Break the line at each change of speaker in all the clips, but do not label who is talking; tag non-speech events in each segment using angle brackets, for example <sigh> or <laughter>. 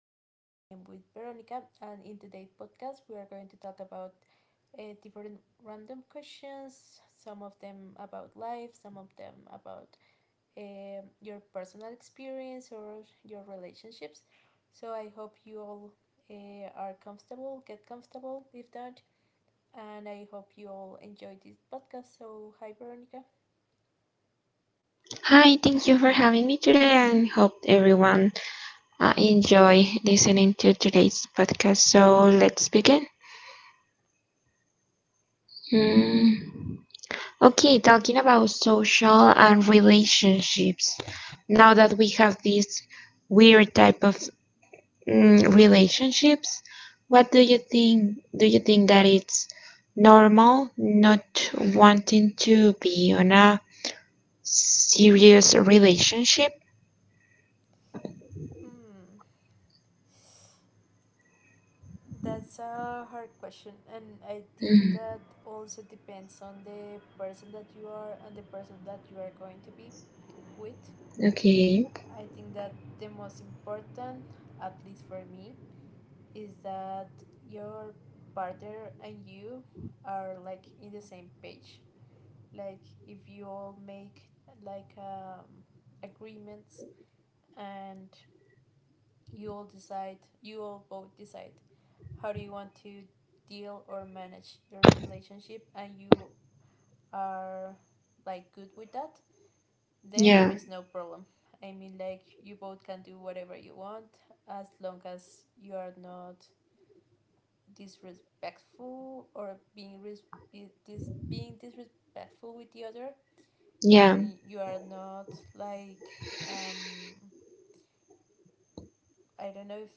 Daniela and I am with Veronica. And in today's podcast, we are going to talk about different random questions, some of them about life, some of them about your personal experience or your relationships. So, I hope you all are comfortable, get comfortable if not. And I hope you all enjoy this podcast. So, hi, Veronica.
Hi, thank you for having me today and hope everyone enjoy listening to today's podcast. So let's begin. Hmm. Okay, talking about social and relationships. Now that we have these weird type of relationships, what do you think? Do you think that it's normal not wanting to be on a serious relationship?
Hmm. That's a hard question, and I think
Mm,
that also depends on the person that you are and the person that you are going to be with.
okay.
I think that the most important, at least for me, is that your partner and you are like in the same page. Like if you all make like agreements and you all decide, you all both decide how do you want to deal or manage your relationship and you are like good with that, then there
Yeah.
is no problem. I mean, like you both can do whatever you want, as long as you are not disrespectful or being disrespectful with the other,
Yeah.
and you are not like um I don't know if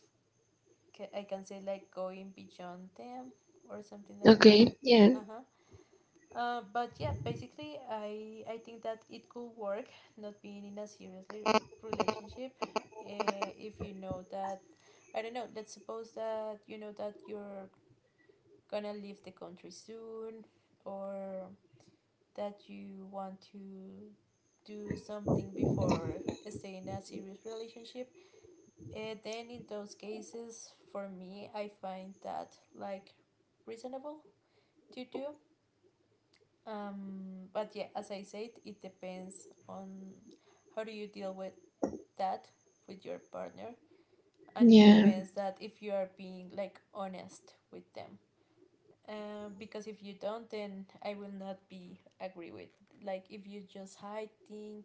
I can say like going beyond them or something like that.
Okay. Yeah.
Uh-huh. But yeah, basically, I think that it could work, not being in a seriously relationship, if you know that, I don't know, let's suppose that you know that you're gonna leave the country soon, or that you want to do something before staying in a serious relationship. Then in those cases, for me, I find that like reasonable to do. But yeah, as I said, it depends on how do you deal with that, with your partner, and it
Yeah.
depends that if you are being like honest with them. Because if you don't, then I will not be agree with. Like if you just hiding,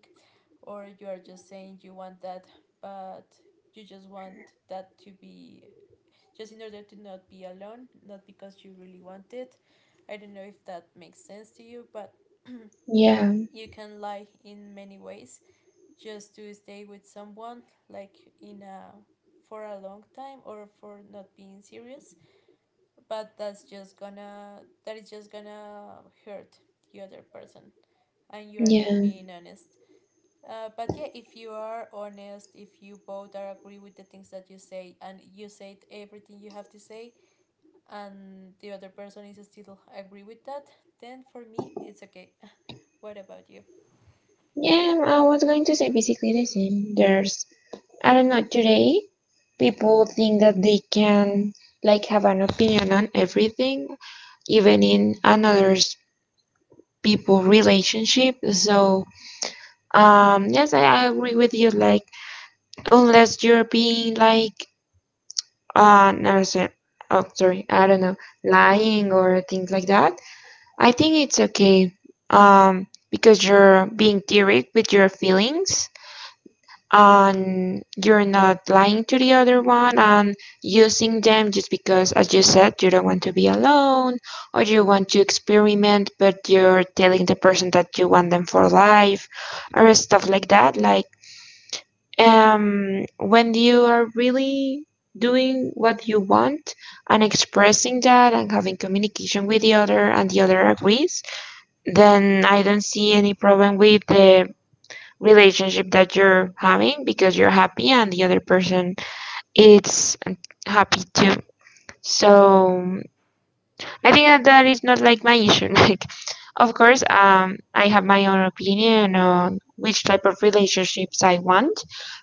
or you are just saying you want that, but you just want that to be just in order to not be alone, not because you really want it. I don't know if that makes sense to you, but
Yeah.
<clears throat> you can lie in many ways just to stay with someone, like in a, for a long time, or for not being serious, but that is just gonna hurt the other person, and you are not
Yeah.
being honest. But yeah, if you are honest, if you both are agree with the things that you say, and you said everything you have to say, and the other person is still agree with that, then for me it's okay. <laughs> What about you?
Yeah. I was going to say basically the same. There's, I don't know, today people think that they can, like, have an opinion on everything, even in another people relationship. So, yes, I agree with you. Like, unless you're being like, no, sorry, oh, sorry, I don't know, lying or things like that. I think it's okay, because you're being direct with your feelings and you're not lying to the other one and using them just because, as you said, you don't want to be alone or you want to experiment, but you're telling the person that you want them for life or stuff like that. Like, when you are really doing what you want and expressing that and having communication with the other and the other agrees, then I don't see any problem with the relationship that you're having because you're happy and the other person is happy too. So I think that that is not like my issue. <laughs> Like, of course, I have my own opinion on which type of relationships I want,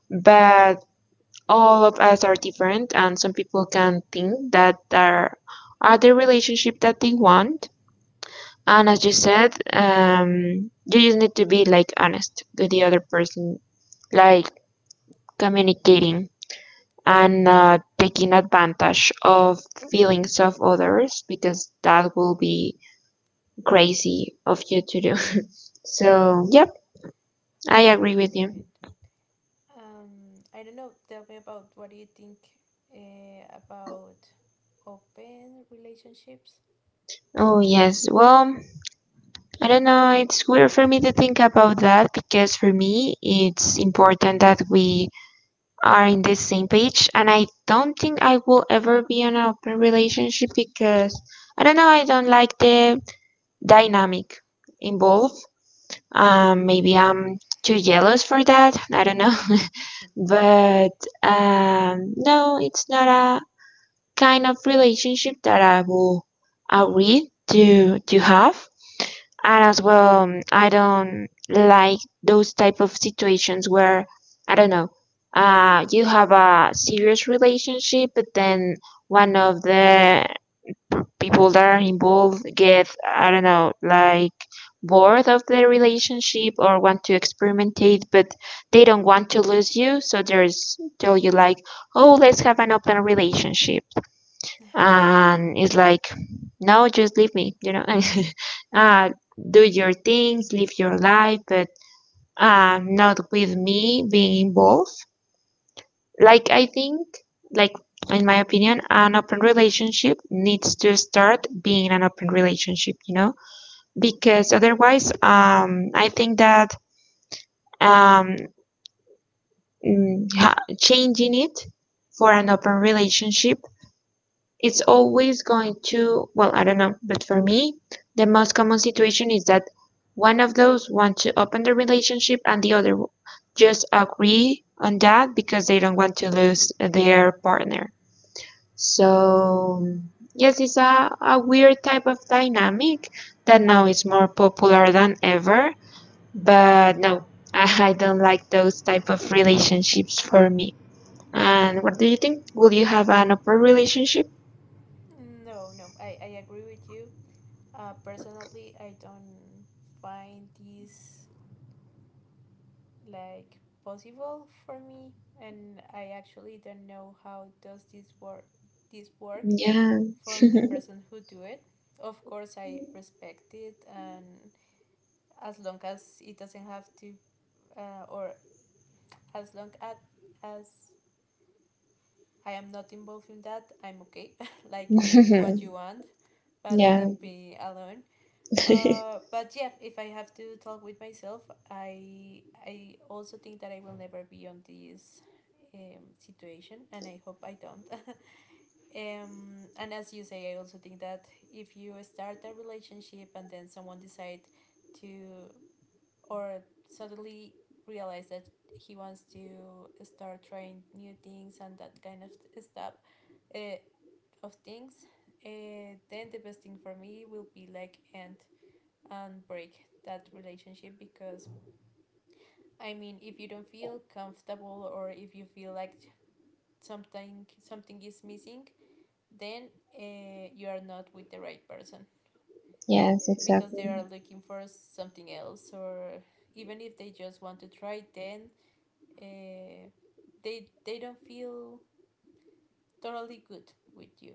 but all of us are different, and some people can think that there are the relationship that they want. And as you said, you just need to be like honest with the other person, like communicating and not taking advantage of feelings of others because that will be crazy of you to do. <laughs> So, yep, I agree
Yeah,
with
you're
you.
right. I don't know. Tell me about what do you think about open relationships?
Oh, yes. Well, I don't know. It's weird for me to think about that because for me, it's important that we are in the same page and I don't think I will ever be in an open relationship because I don't know, I don't like the dynamic involved. Maybe I'm too jealous for that. I don't know. <laughs> But no, it's not a kind of relationship that I will agree to have. And as well, I don't like those type of situations where I don't know, you have a serious relationship but then one of the people that are involved get, I don't know, like, bored of the relationship or want to experimentate, but they don't want to lose you, so there's tell you like, oh, let's have an open relationship. And it's like, no, just leave me. <laughs> uh, do your things, live your life, but not with me being involved. Like, I think, like, in my opinion, an open relationship needs to start being an open relationship. Because otherwise, I think that um, changing it for an open relationship, it's always going to, well, I don't know, but for me, the most common situation is that one of those want to open the relationship and the other just agree on that because they don't want to lose their partner. So, yes, it's a weird type of dynamic that now is more popular than ever, but no, <laughs> I don't like those type of relationships for me. And what do you think? Will you have an open relationship?
No, no. I agree with you. Personally, I don't find this like possible for me, and I actually don't know how does this work
Yeah.
for the person who do it. Of course, I respect it, and as long as it doesn't have to, or as long as as I am not involved in that. I'm okay. <laughs> Like you do what you
<laughs>
want, but
Yeah.
leave me alone.
<laughs>
But yeah, if I have to talk with myself, I also think that I will never be on this situation, and I hope I don't. <laughs> And as you say, I also think that if you start a relationship and then someone decide to, or suddenly realize that he wants to start trying new things and that kind of stuff, uh, of things then the best thing for me will be like end and break that relationship. Because I mean, if you don't feel comfortable, or if you feel like something is missing, then you are not with the right person,
Yes,
because they are
exactly.
looking for something else, or even if they just want to try, then uh, they don't feel totally good with you.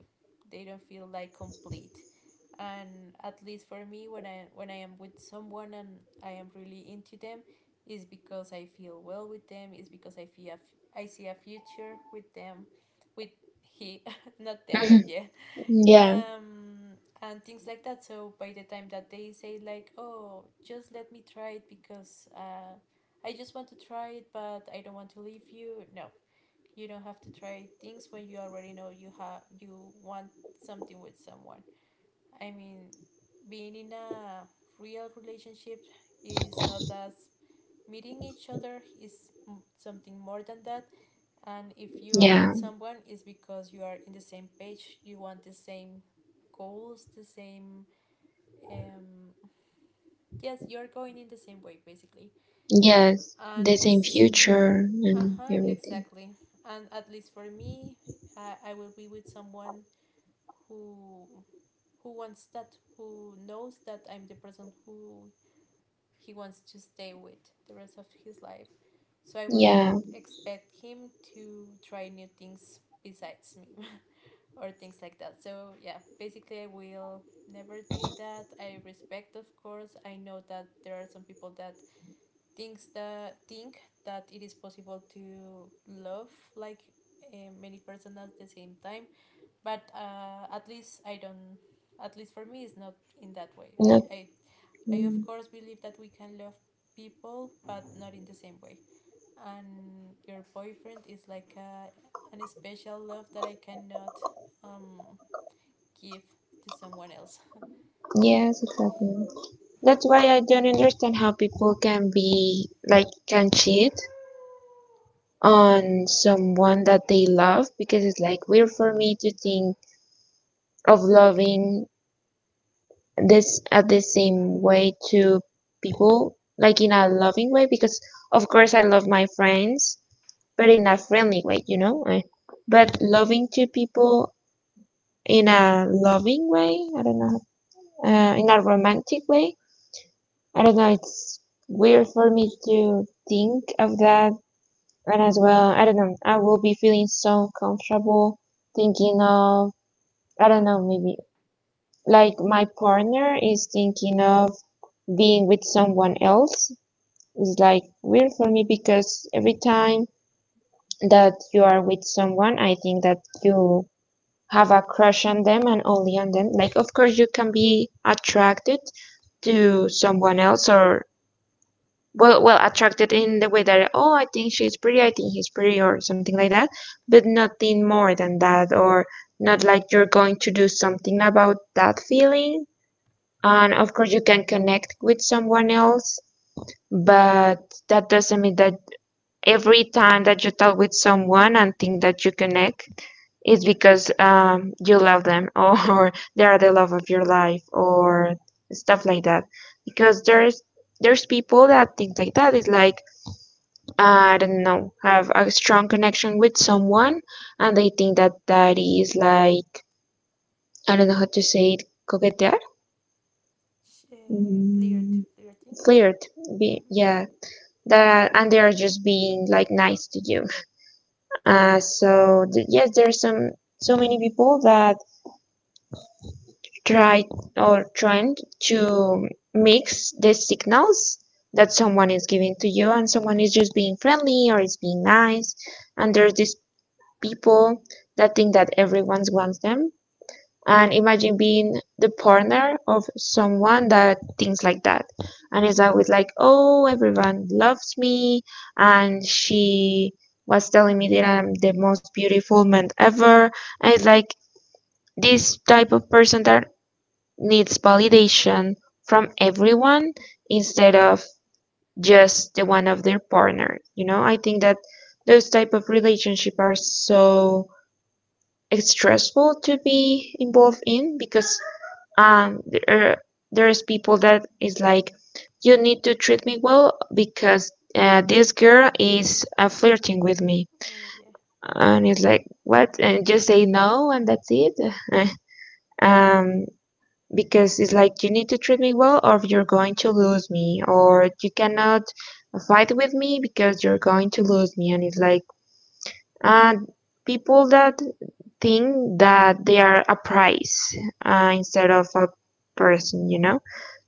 They don't feel like complete. And at least for me, when I am with someone and I am really into them, is because I feel well with them. Is because I feel I see a future with them, with he, <laughs> not
<clears throat>
them, but
Mhm.
yeah,
Yeah.
and things like that. So by the time that they say like, oh, just let me try it, because I just want to try it but I don't want to leave you, no, you don't have to try things when you already know you want something with someone. I mean, being in a real relationship is not as meeting each other, something more than that. And if you are
Yeah.
with someone, it's because you are in the same page, you want the same goals, the same. Um, yes, you're going in the same way, basically.
Yes. The
And
same
it's.
future
Uh
and
huh,
everything.
exactly. And at least for me, I will be with someone who who wants that, who knows that I'm the person who he wants to stay with the rest of his life. So I will not
Yeah.
expect him to try new things besides me. <laughs> Or things like that. So yeah, basically I will never do that. I respect, of course. I know that there are some people that think that it is possible to love like, uh, many person at the same time. But at least for me it's not in that way.
Not,
I
mm,
of course believe that we can love people, but not in the same way. And your boyfriend is like a, an special love that I cannot um give to someone else.
yes, exactly. That's why I don't understand how people can be like can cheat
Mm-hmm.
on someone that they love because it's like weird for me to think of loving this at the same way to people, like in a loving way, because of course I love my friends, but in a friendly way, you know? Eh. But loving to people in a loving way, I don't know, in a romantic way, I don't know, it's weird for me to think of that. And as well, I don't know, I will be feeling so comfortable thinking of, I don't know, maybe like my partner is thinking of being with someone else. It's like weird for me because every time that you are with someone, I think that you have a crush on them and only on them. Like, of course, you can be attracted to someone else, or well, attracted in the way that, oh, I think she's pretty, I think he's pretty, or something like that, but nothing more than that, or not like you're going to do something about that feeling. And of course, you can connect with someone else, but that doesn't mean that every time that you talk with someone and think that you connect it's because you love them or <laughs> they are the love of your life or stuff like that because there's people that think like that. It's like, I don't know, have a strong connection with someone and they think that that is like, I don't know how to say it, coquetear,
uh, Flirt,
mm,
flirting, I think.
flirt,
Mm-hmm.
yeah, that, and they are just being like nice to you. Yes, there's some so many people that try or trying to mix the signals that someone is giving to you and someone is just being friendly or is being nice, and there's these people that think that everyone wants them, and imagine being the partner of someone that thinks like that and is always like, oh, everyone loves me and she was telling me that I'm the most beautiful man ever, and it's like this type of person that needs validation from everyone instead of just the one of their partner. I think that those type of relationship are so stressful to be involved in because um there there's people that is like, you need to treat me well because this girl is flirting with me.
Uh, yeah,
And it's like, what? And just say no and that's it. <laughs> um because it's like, you need to treat me well or you're going to lose me or you cannot fight with me because you're going to lose me, and it's like, uh people that think that they are a prize, instead of a person.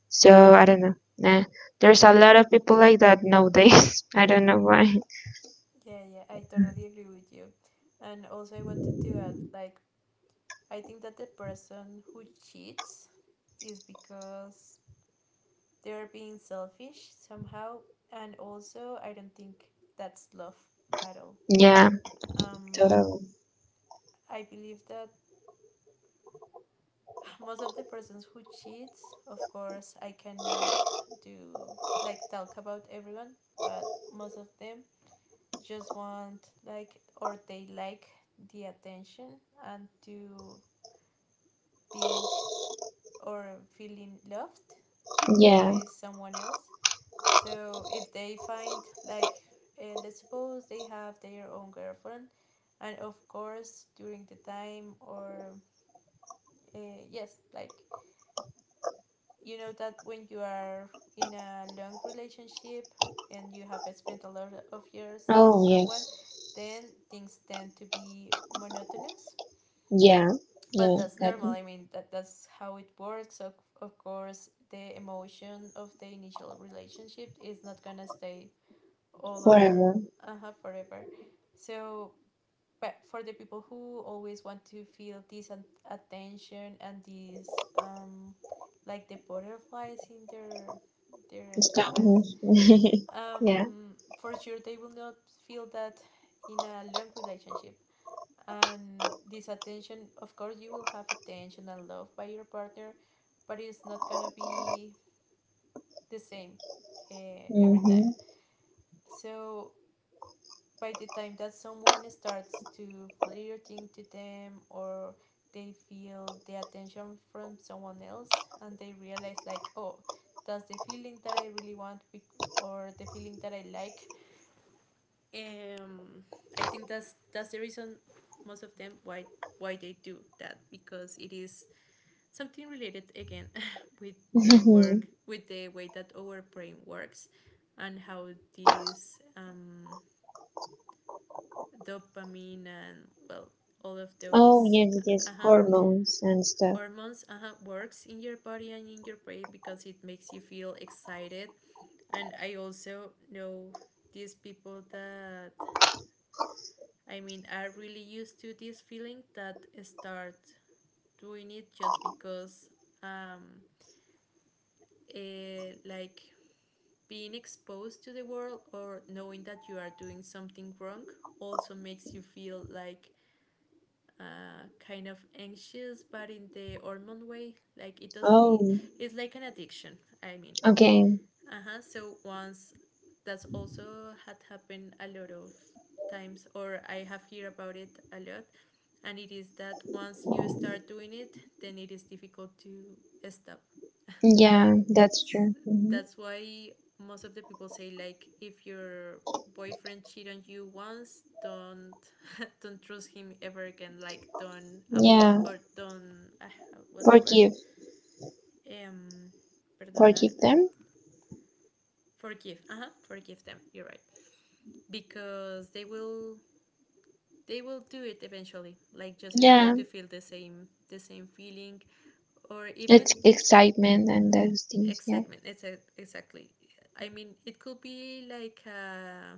So I don't know. Nah. There's a lot of people like that nowadays. <laughs> I don't know why.
yeah. I totally agree with you. And also, I wanted to add, like, I think that the person who cheats is because they're being selfish somehow, and also I don't think that's love at all.
Yeah.
Um,
Totally.
I believe that most of the persons who cheats, of course I cannot do, like talk about everyone, but most of them just want, like, or they like the attention, and to being or feeling loved
Yeah.
by someone else. So if they find like, let's suppose they have their own girlfriend, and of course during the time, or uh, yes, like you know that when you are in a long relationship and you have spent a lot of years with
Oh
someone,
yes.
then things tend to be monotonous.
Yeah.
But
Yeah.
that's normal.
That
I mean, that's how it works. Of course, the emotion of the initial relationship is not gonna stay all over.
forever.
Uh-huh, forever. So, but for the people who always want to feel this attention and this like the butterflies in their
Stop.
stomachs,
<laughs> Yeah.
um for sure they will not feel that in a long relationship. And this attention, of course you will have attention and love by your partner, but it's not gonna be the same, uh, every
Mm-hmm.
time. So by the time that someone starts to flirting to them, or they feel the attention from someone else and they realize like, oh, that's the feeling that I really want, or the feeling that I like, um I think that's the reason most of them, why they do that, because it is something related again <laughs> with the work
<laughs>
with the way that our brain works, and how these dopamine and well, all of
Oh
those,
yes, yes.
uh-huh,
Hormones and stuff.
hormones, uh-huh, works in your body and in your brain, because it makes you feel excited. And I also know these people that, I mean, are really used to this feeling, that start doing it just because um like being exposed to the world, or knowing that you are doing something wrong, also makes you feel like kind of anxious, but in the hormone way. Like it does be,
Oh.
it's like an addiction. I mean,
Okay.
uh huh. So once, that's also had happened a lot of times, or I have heard about it a lot, and it is that once you start doing it, then it is difficult to stop.
Yeah, that's true. Hmm.
That's why most of the people say like, if your boyfriend cheat on you once, don't <laughs> don't trust him ever again. Like don't apologize
Yeah.
or don't what's the word?
Forgive.
Um, perdonar,
Forgive them.
forgive. Uh huh. Forgive them. You're right, because they will, they will do it eventually. Like just in order
Yeah.
to feel the same feeling, or even
It's excitement and those things. Yeah.
excitement. It's exactly. I mean, it could be like.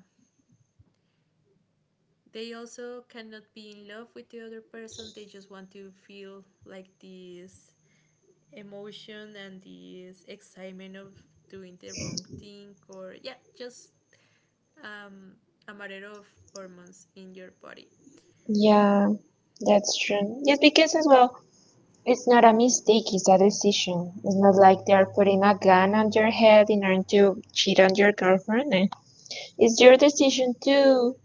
They also cannot be in love with the other person. They just want to feel like this emotion and this excitement of doing the wrong thing, or yeah, just um, a matter of hormones in your body.
Yeah, that's true. Yes, because as well, it's not a mistake, it's a decision. It's not like they are putting a gun on your head in order to cheat on your girlfriend. Eh, it's your decision to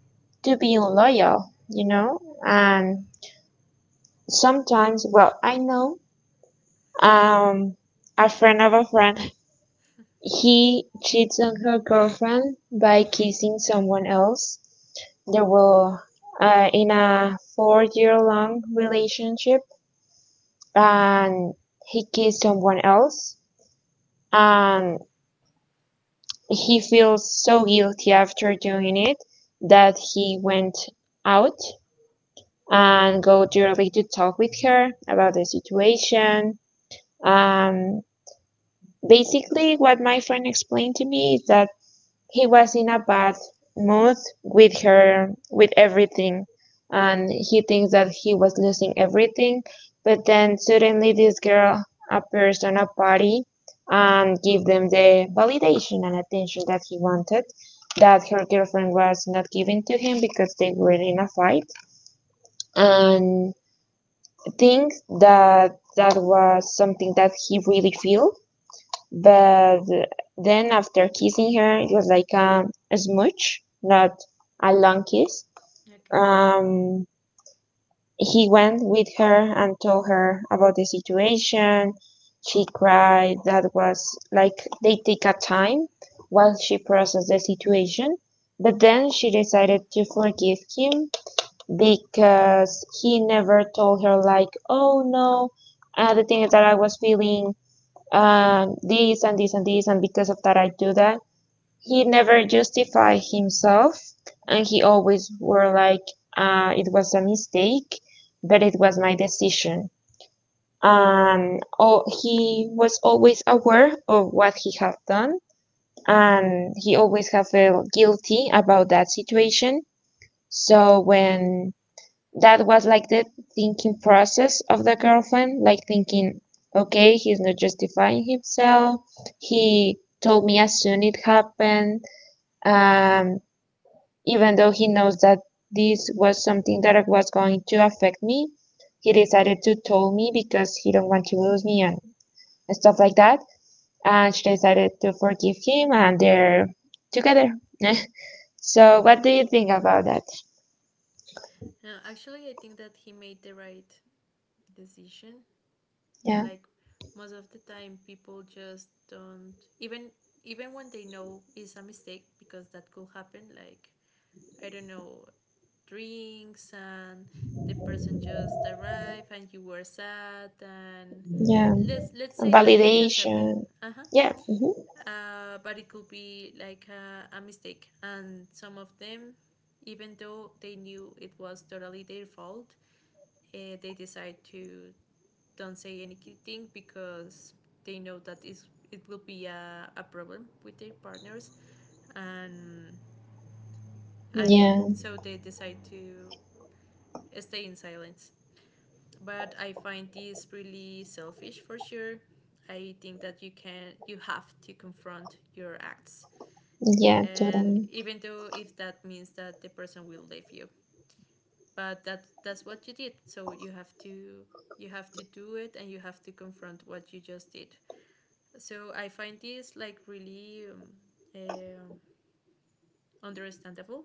to be loyal, you know? And sometimes, well, I know, um a friend of a friend, he cheats on her girlfriend by kissing someone else. They will, in a 4-year long relationship, and he kissed someone else and he feels so guilty after doing it that he went out and go directly to talk with her about the situation. Um, Basically, what my friend explained to me is that he was in a bad mood with her with everything and he thinks that he was losing everything but then suddenly this girl appears on a party and give them the validation and attention that he wanted that her girlfriend was not giving to him because they were in a fight, and think that that was something that he really feel, but then after kissing her, it was like a smooch, not a long kiss.
Okay.
Um, he went with her and told her about the situation. She cried. That was like they take a time while she processed the situation. But then she decided to forgive him because he never told her like, oh no, the things that I was feeling, this and this and this, and because of that, I do that. He never justified himself, and he always were like, it was a mistake, but it was my decision. And oh, he was always aware of what he had done, and he always have felt guilty about that situation. So when that was like the thinking process of the girlfriend, like thinking, okay, he's not justifying himself. He told me as soon it happened, um, even though he knows that this was something that was going to affect me. He decided to tell me because he don't want to lose me and stuff like that. And she decided to forgive him, and they're together. <laughs> So, what do you think about that?
No, actually, I think that he made the right decision.
Yeah,
Like most of the time, people just don't even even when they know it's a mistake because that could happen. Like I don't know, drinks and the person just arrived and you were sad and
yeah,
let's say that it just happened.
validation.
Uh-huh.
Yeah. Mhm.
But it could be like a mistake, and some of them, even though they knew it was totally their fault, they decide to don't say anything because they know that it's, it will be a problem with their partners. And and yeah,
Yeah,
so they decide to stay in silence, but I find this really selfish for sure. I think that you can you have to confront your acts,
yeah,
and
totally.
even though if that means that the person will leave you, but that that's what you did, so you have to do it, and you have to confront what you just did. So I find this like really eh, understandable,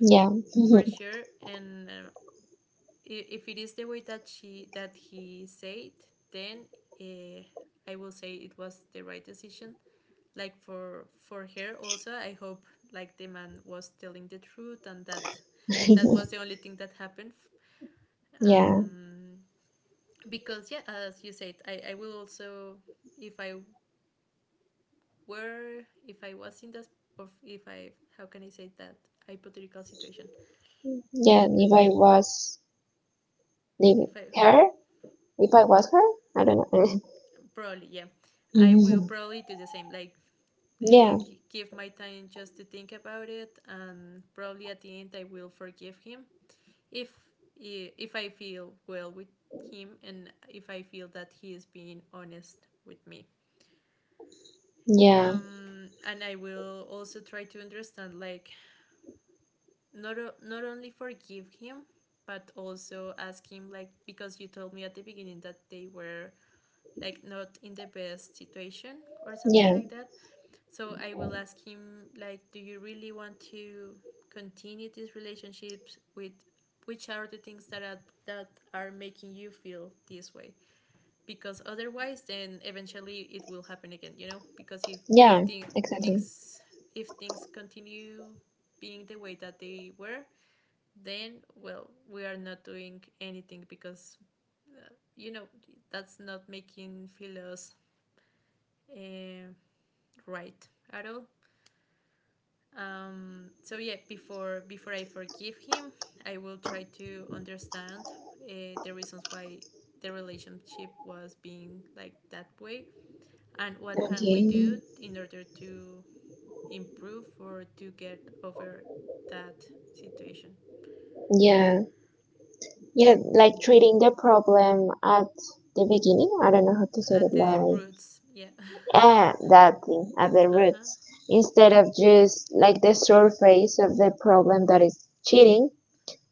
Yeah,
<laughs> for
<laughs>
sure. And if it is the way that she that he said, then uh, I will say it was the right decision. Like for her also, I hope like the man was telling the truth and that that was the only thing that happened.
yeah,
um because yeah, as you said, I will also, if I were, if I was in this, of if I, how can I say that, hypothetical situation,
yeah.
like,
If I was the
if I,
her, if I was her, I don't know. <laughs>
probably yeah, I will
Mhm.
probably do the same. Like, uh,
Yeah,
give my time just to think about it, and probably at the end I will forgive him if if I feel well with him and if I feel that he is being honest with me.
yeah,
And I will also try to understand, like, not not only forgive him, but also ask him, like, because you told me at the beginning that they were like not in the best situation or something
yeah,
like that. So I will ask him like, do you really want to continue these relationships with, which are the things that are making you feel this way? Because otherwise, then eventually it will happen again, you know. Because if the
yeah.
thing,
Exactly.
things, if things continue being the way that they were, then well, we are not doing anything because uh, you know that's not making feel us uh, right at all. So yeah, before before I forgive him, I will try to understand the reasons why the relationship was being like that way, and what can
Okay.
we do in order to improve or to get over that situation
Yeah, yeah. Like treating the problem at the beginning. I don't know how to say
at
it.
the
Like
roots. Yeah.
that thing at the
<laughs> Uh huh.
roots instead of just like the surface of the problem that is cheating.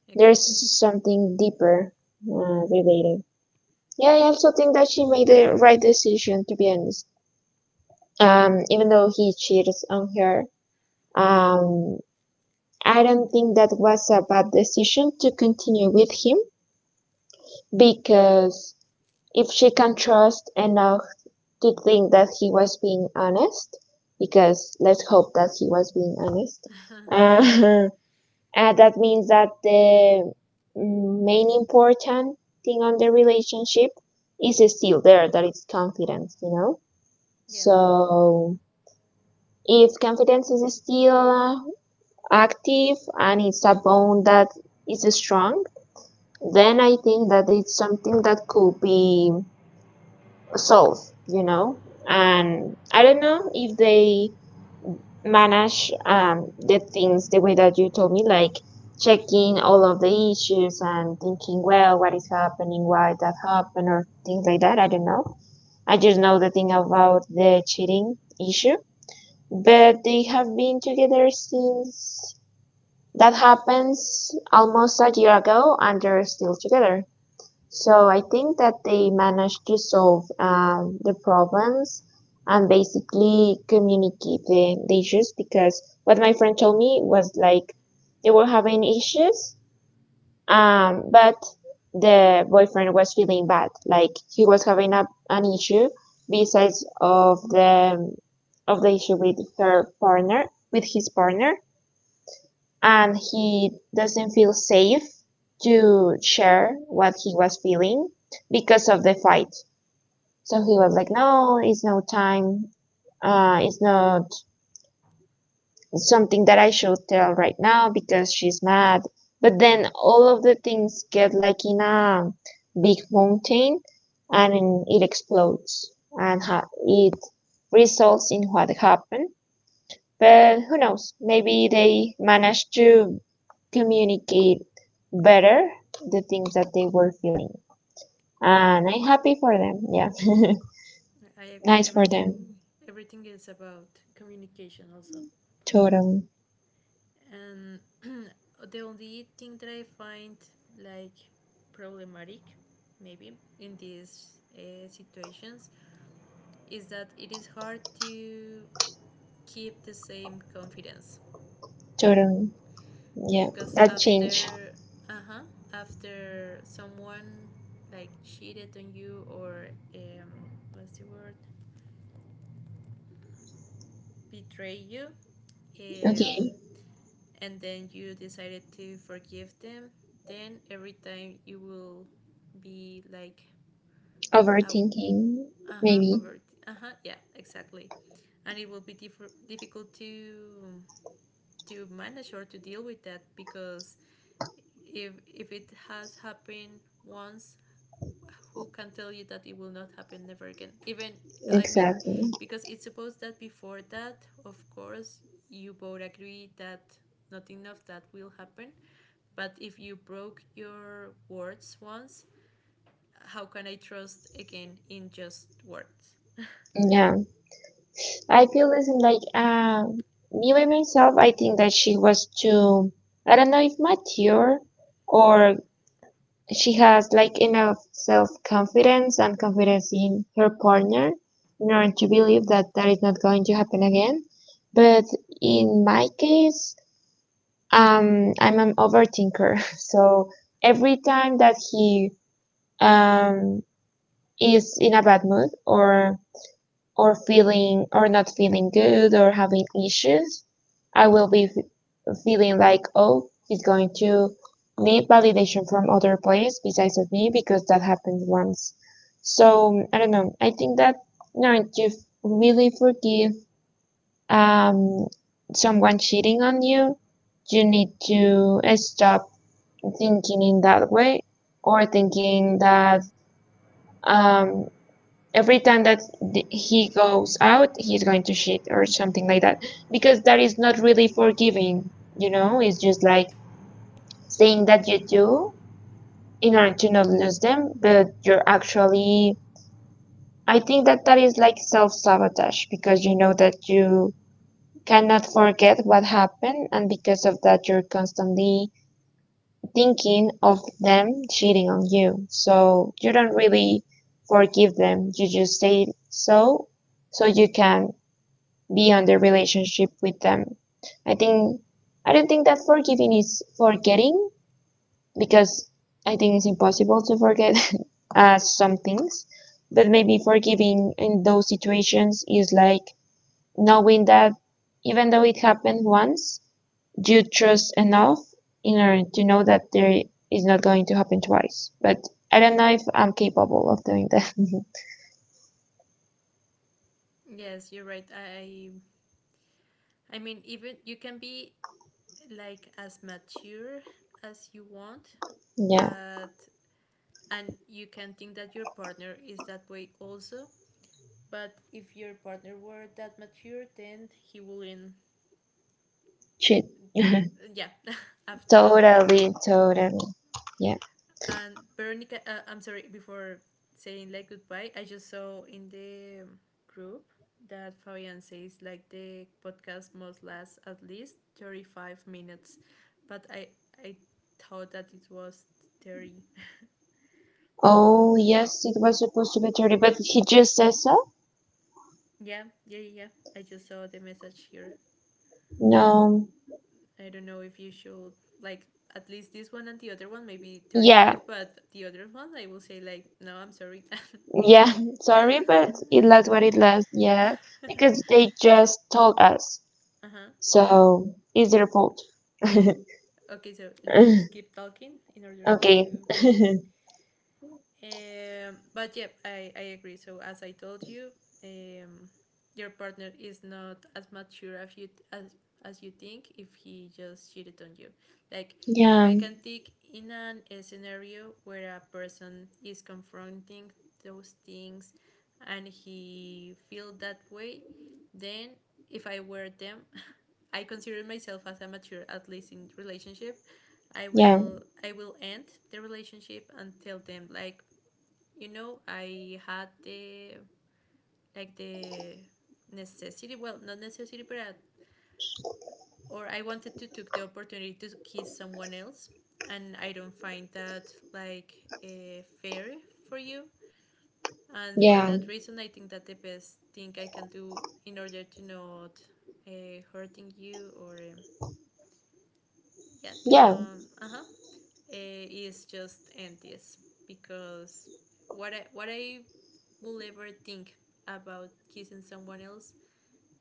Exactly.
There's something deeper related. Yeah, I also think that she made the right decision, to be honest. Even though he cheated on her, um, I don't think that was a bad decision to continue with him because if she can trust enough to think that he was being honest, because let's hope that he was being honest.
Uh-huh. <laughs>
uh, <laughs> that means that the main important thing on the relationship is still there, that is confidence, you know?
Yeah.
So if confidence is still active and it's a bond that is strong, then I think that it's something that could be solved, you know? And I don't know if they manage the things the way that you told me, like checking all of the issues and thinking, well, what is happening, why that happened, or things like that. I don't know. I just know the thing about the cheating issue. But they have been together since that happens almost a year ago, and they're still together. So I think that they managed to solve the problems and basically communicate the issues because what my friend told me was like they were having issues, but the boyfriend was feeling bad, like he was having an issue besides of the issue with her partner, with his partner, and he doesn't feel safe to share what he was feeling because of the fight. So he was like,
Okay.
no, it's no time. It's not something that I should tell right now because she's mad. But then all of the things get like in a big mountain and it explodes and it results in what happened, but who knows? Maybe they managed to communicate better the things that they were feeling.
Yeah,
And I'm happy for them. Yeah.
I
<laughs>
agree.
Nice for them.
Everything everything is about communication also.
Totally.
And <clears throat> the only thing that I find like problematic, maybe in these situations, is that it is hard to keep the same confidence
Totally. Yeah.
because
That change.
after, uh huh, after someone like cheated on you or um what's the word, betray you, um
Okay.
and then you decided to forgive them, then every time you will be like, how?
Overthinking.
Uh huh.
Maybe.
Over. Uh huh. Yeah. Exactly. And it will be difficult to manage or to deal with that because if it has happened once, who can tell you that it will not happen never again? Even I mean,
Exactly.
because it's supposed that before that, of course, you both agree that nothing of that will happen. But if you broke your words once, how can I trust again in just words?
Yeah. I feel this in like, me by myself, I think that she was too, I don't know if mature or she has like enough self confidence and confidence in her partner in order to believe that that is not going to happen again. But in my case, I'm an overthinker. <laughs> So every time that he um, is in a bad mood or feeling or not feeling good or having issues, I will be feeling like, oh, he's going to need validation from other players besides of me because that happened once. So I don't know. I think that no, you know, to really forgive um, someone cheating on you, you need to stop thinking in that way or thinking that um, every time that he goes out he's going to shit or something like that, because that is not really forgiving, you know, it's just like saying that you do in order to not lose them, but you're actually, I think that that is like self-sabotage because you know that you cannot forget what happened and because of that you're constantly thinking of them cheating on you, so you don't really forgive them, you just say so so you can be on their relationship with them. I think I don't think that forgiving is forgetting because I think it's impossible to forget <laughs> some things, but maybe forgiving in those situations is like knowing that even though it happened once, you trust enough in order to know that there is not going to happen twice. But I don't know if I'm capable of doing that.
Yes, you're right. I mean, even you can be like as mature as you want,
<laughs> Yeah,
but and you can think that your partner is that way also. But if your partner were that mature, then he wouldn't.
shit. <laughs>
Yeah, <laughs> after all.
Totally, totally. Yeah.
And Veronica, I'm sorry, before saying like goodbye, I just saw in the group that Fabian says like the podcast must last at least 35 minutes, but I thought that it was 30. <laughs>
Oh, yes, it was supposed to be 30, but he just said so?
Yeah, yeah, yeah, yeah. I just saw the message here.
No.
I don't know if you should like at least this one and the other one maybe
Yeah,
35, but the other one I will say like no, I'm sorry. <laughs>
yeah, <laughs> sorry, but it lasts what it lasts, yeah, because they just told us.
Uh-huh. Yes.
So, it's their fault. <laughs>
Okay, so let's just keep talking in order
Okay.
to,
<laughs>
but yeah, I agree. So as I told you, um, your partner is not as mature as you think if he just cheated on you. Like if
Yeah,
I can think in an a scenario where a person is confronting those things and he feel that way, then if I were them, <laughs> I consider myself as a mature at least in relationship.
yeah,
I will end the relationship and tell them like, you know, I had the like the necessity, well, not necessity, but I, or I wanted to took the opportunity to kiss someone else, and I don't find that like fair for you. And for
yeah,
that reason, I think that the best thing I can do in order to not hurting you or yeah, to
yeah,
don't, uh huh, is just end this because what I will ever think about kissing someone else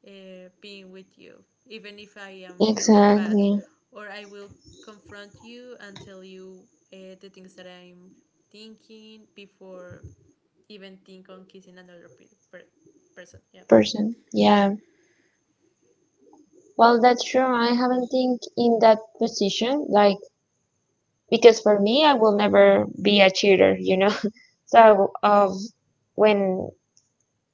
being with you, even if I am feeling bad,
exactly.
or I will confront you and tell you the things that I'm thinking before even think on kissing another per- person. Yeah,
Person. Yeah. Well, that's true. I haven't think in that position, like, because for me, I will never be a cheater, you know? <laughs> So, of when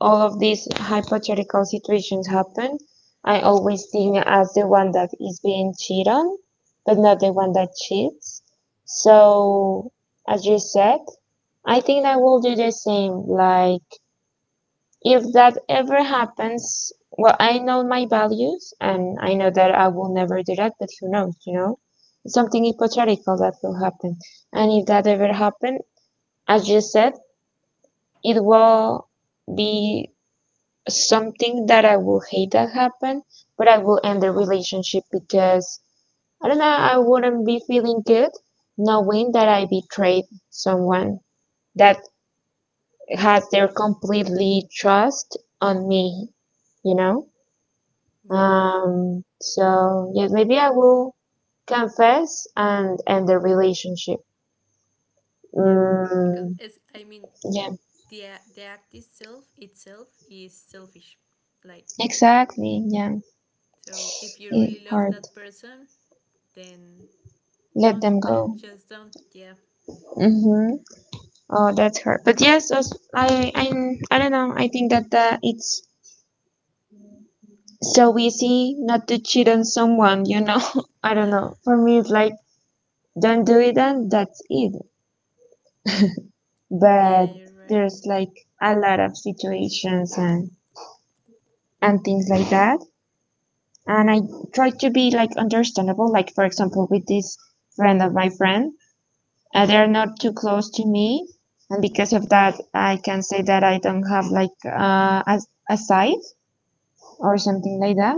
all of these hypothetical situations happen, I always think as the one that is being cheated on, but not the one that cheats. So, as you said, I think I will do the same. Like, if that ever happens, well, I know my values and I know that I will never do that, but who knows, you know? It's something hypothetical that will happen. And if that ever happened, as you said, it will be something that I will hate that happen, but I will end the relationship because I don't know, I wouldn't be feeling good knowing that I betrayed someone that has their completely trust on me, you know?
yeah,
So yeah, maybe I will confess and end the relationship.
yeah, probably because
Mm,
it's. I mean,
yeah,
the the act itself is selfish, like
exactly. Yeah,
so. If you
it
really love
hard.
that person, then
Let
don't,
them go.
<laughs> just don't. Yeah,
Mm-hmm. Oh, that's hard. But yes, I don't know. I think that it's so easy not to cheat on someone. You know, <laughs> I don't know. For me, it's like don't do it, and that's it. But
yeah, you're right.
there's like a lot of situations and things like that. And I try to be like understandable. Like for example, with this friend of my friend, they're not too close to me, and because of that, I can say that I don't have like a side or something like that.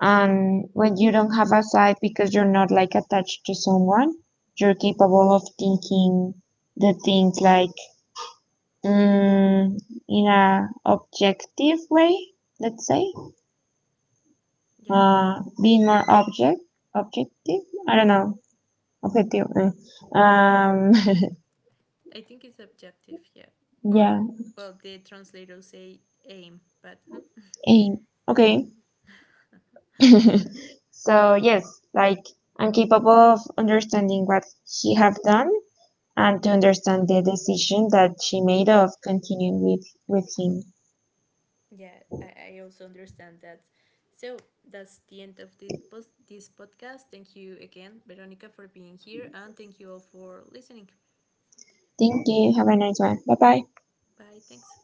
And when you don't have a side because you're not like attached to someone, you're capable of thinking the things like mm, in a objective way, let's say,
Yeah,
being more object objective. I don't know, objective. Eh. Um,
I think it's objective, yeah. Or,
<laughs> yeah.
well, the translators say aim, but hmm,
Eh, okay. <laughs> So yes, like I'm capable of understanding what he have done and to understand the decision that she made of continuing with him.
yeah, I also understand that. So that's the end of the this podcast. Thank you again, Veronica, for being here, and thank you all for listening.
Thank you. Have a nice one. Bye bye.
Bye, thanks.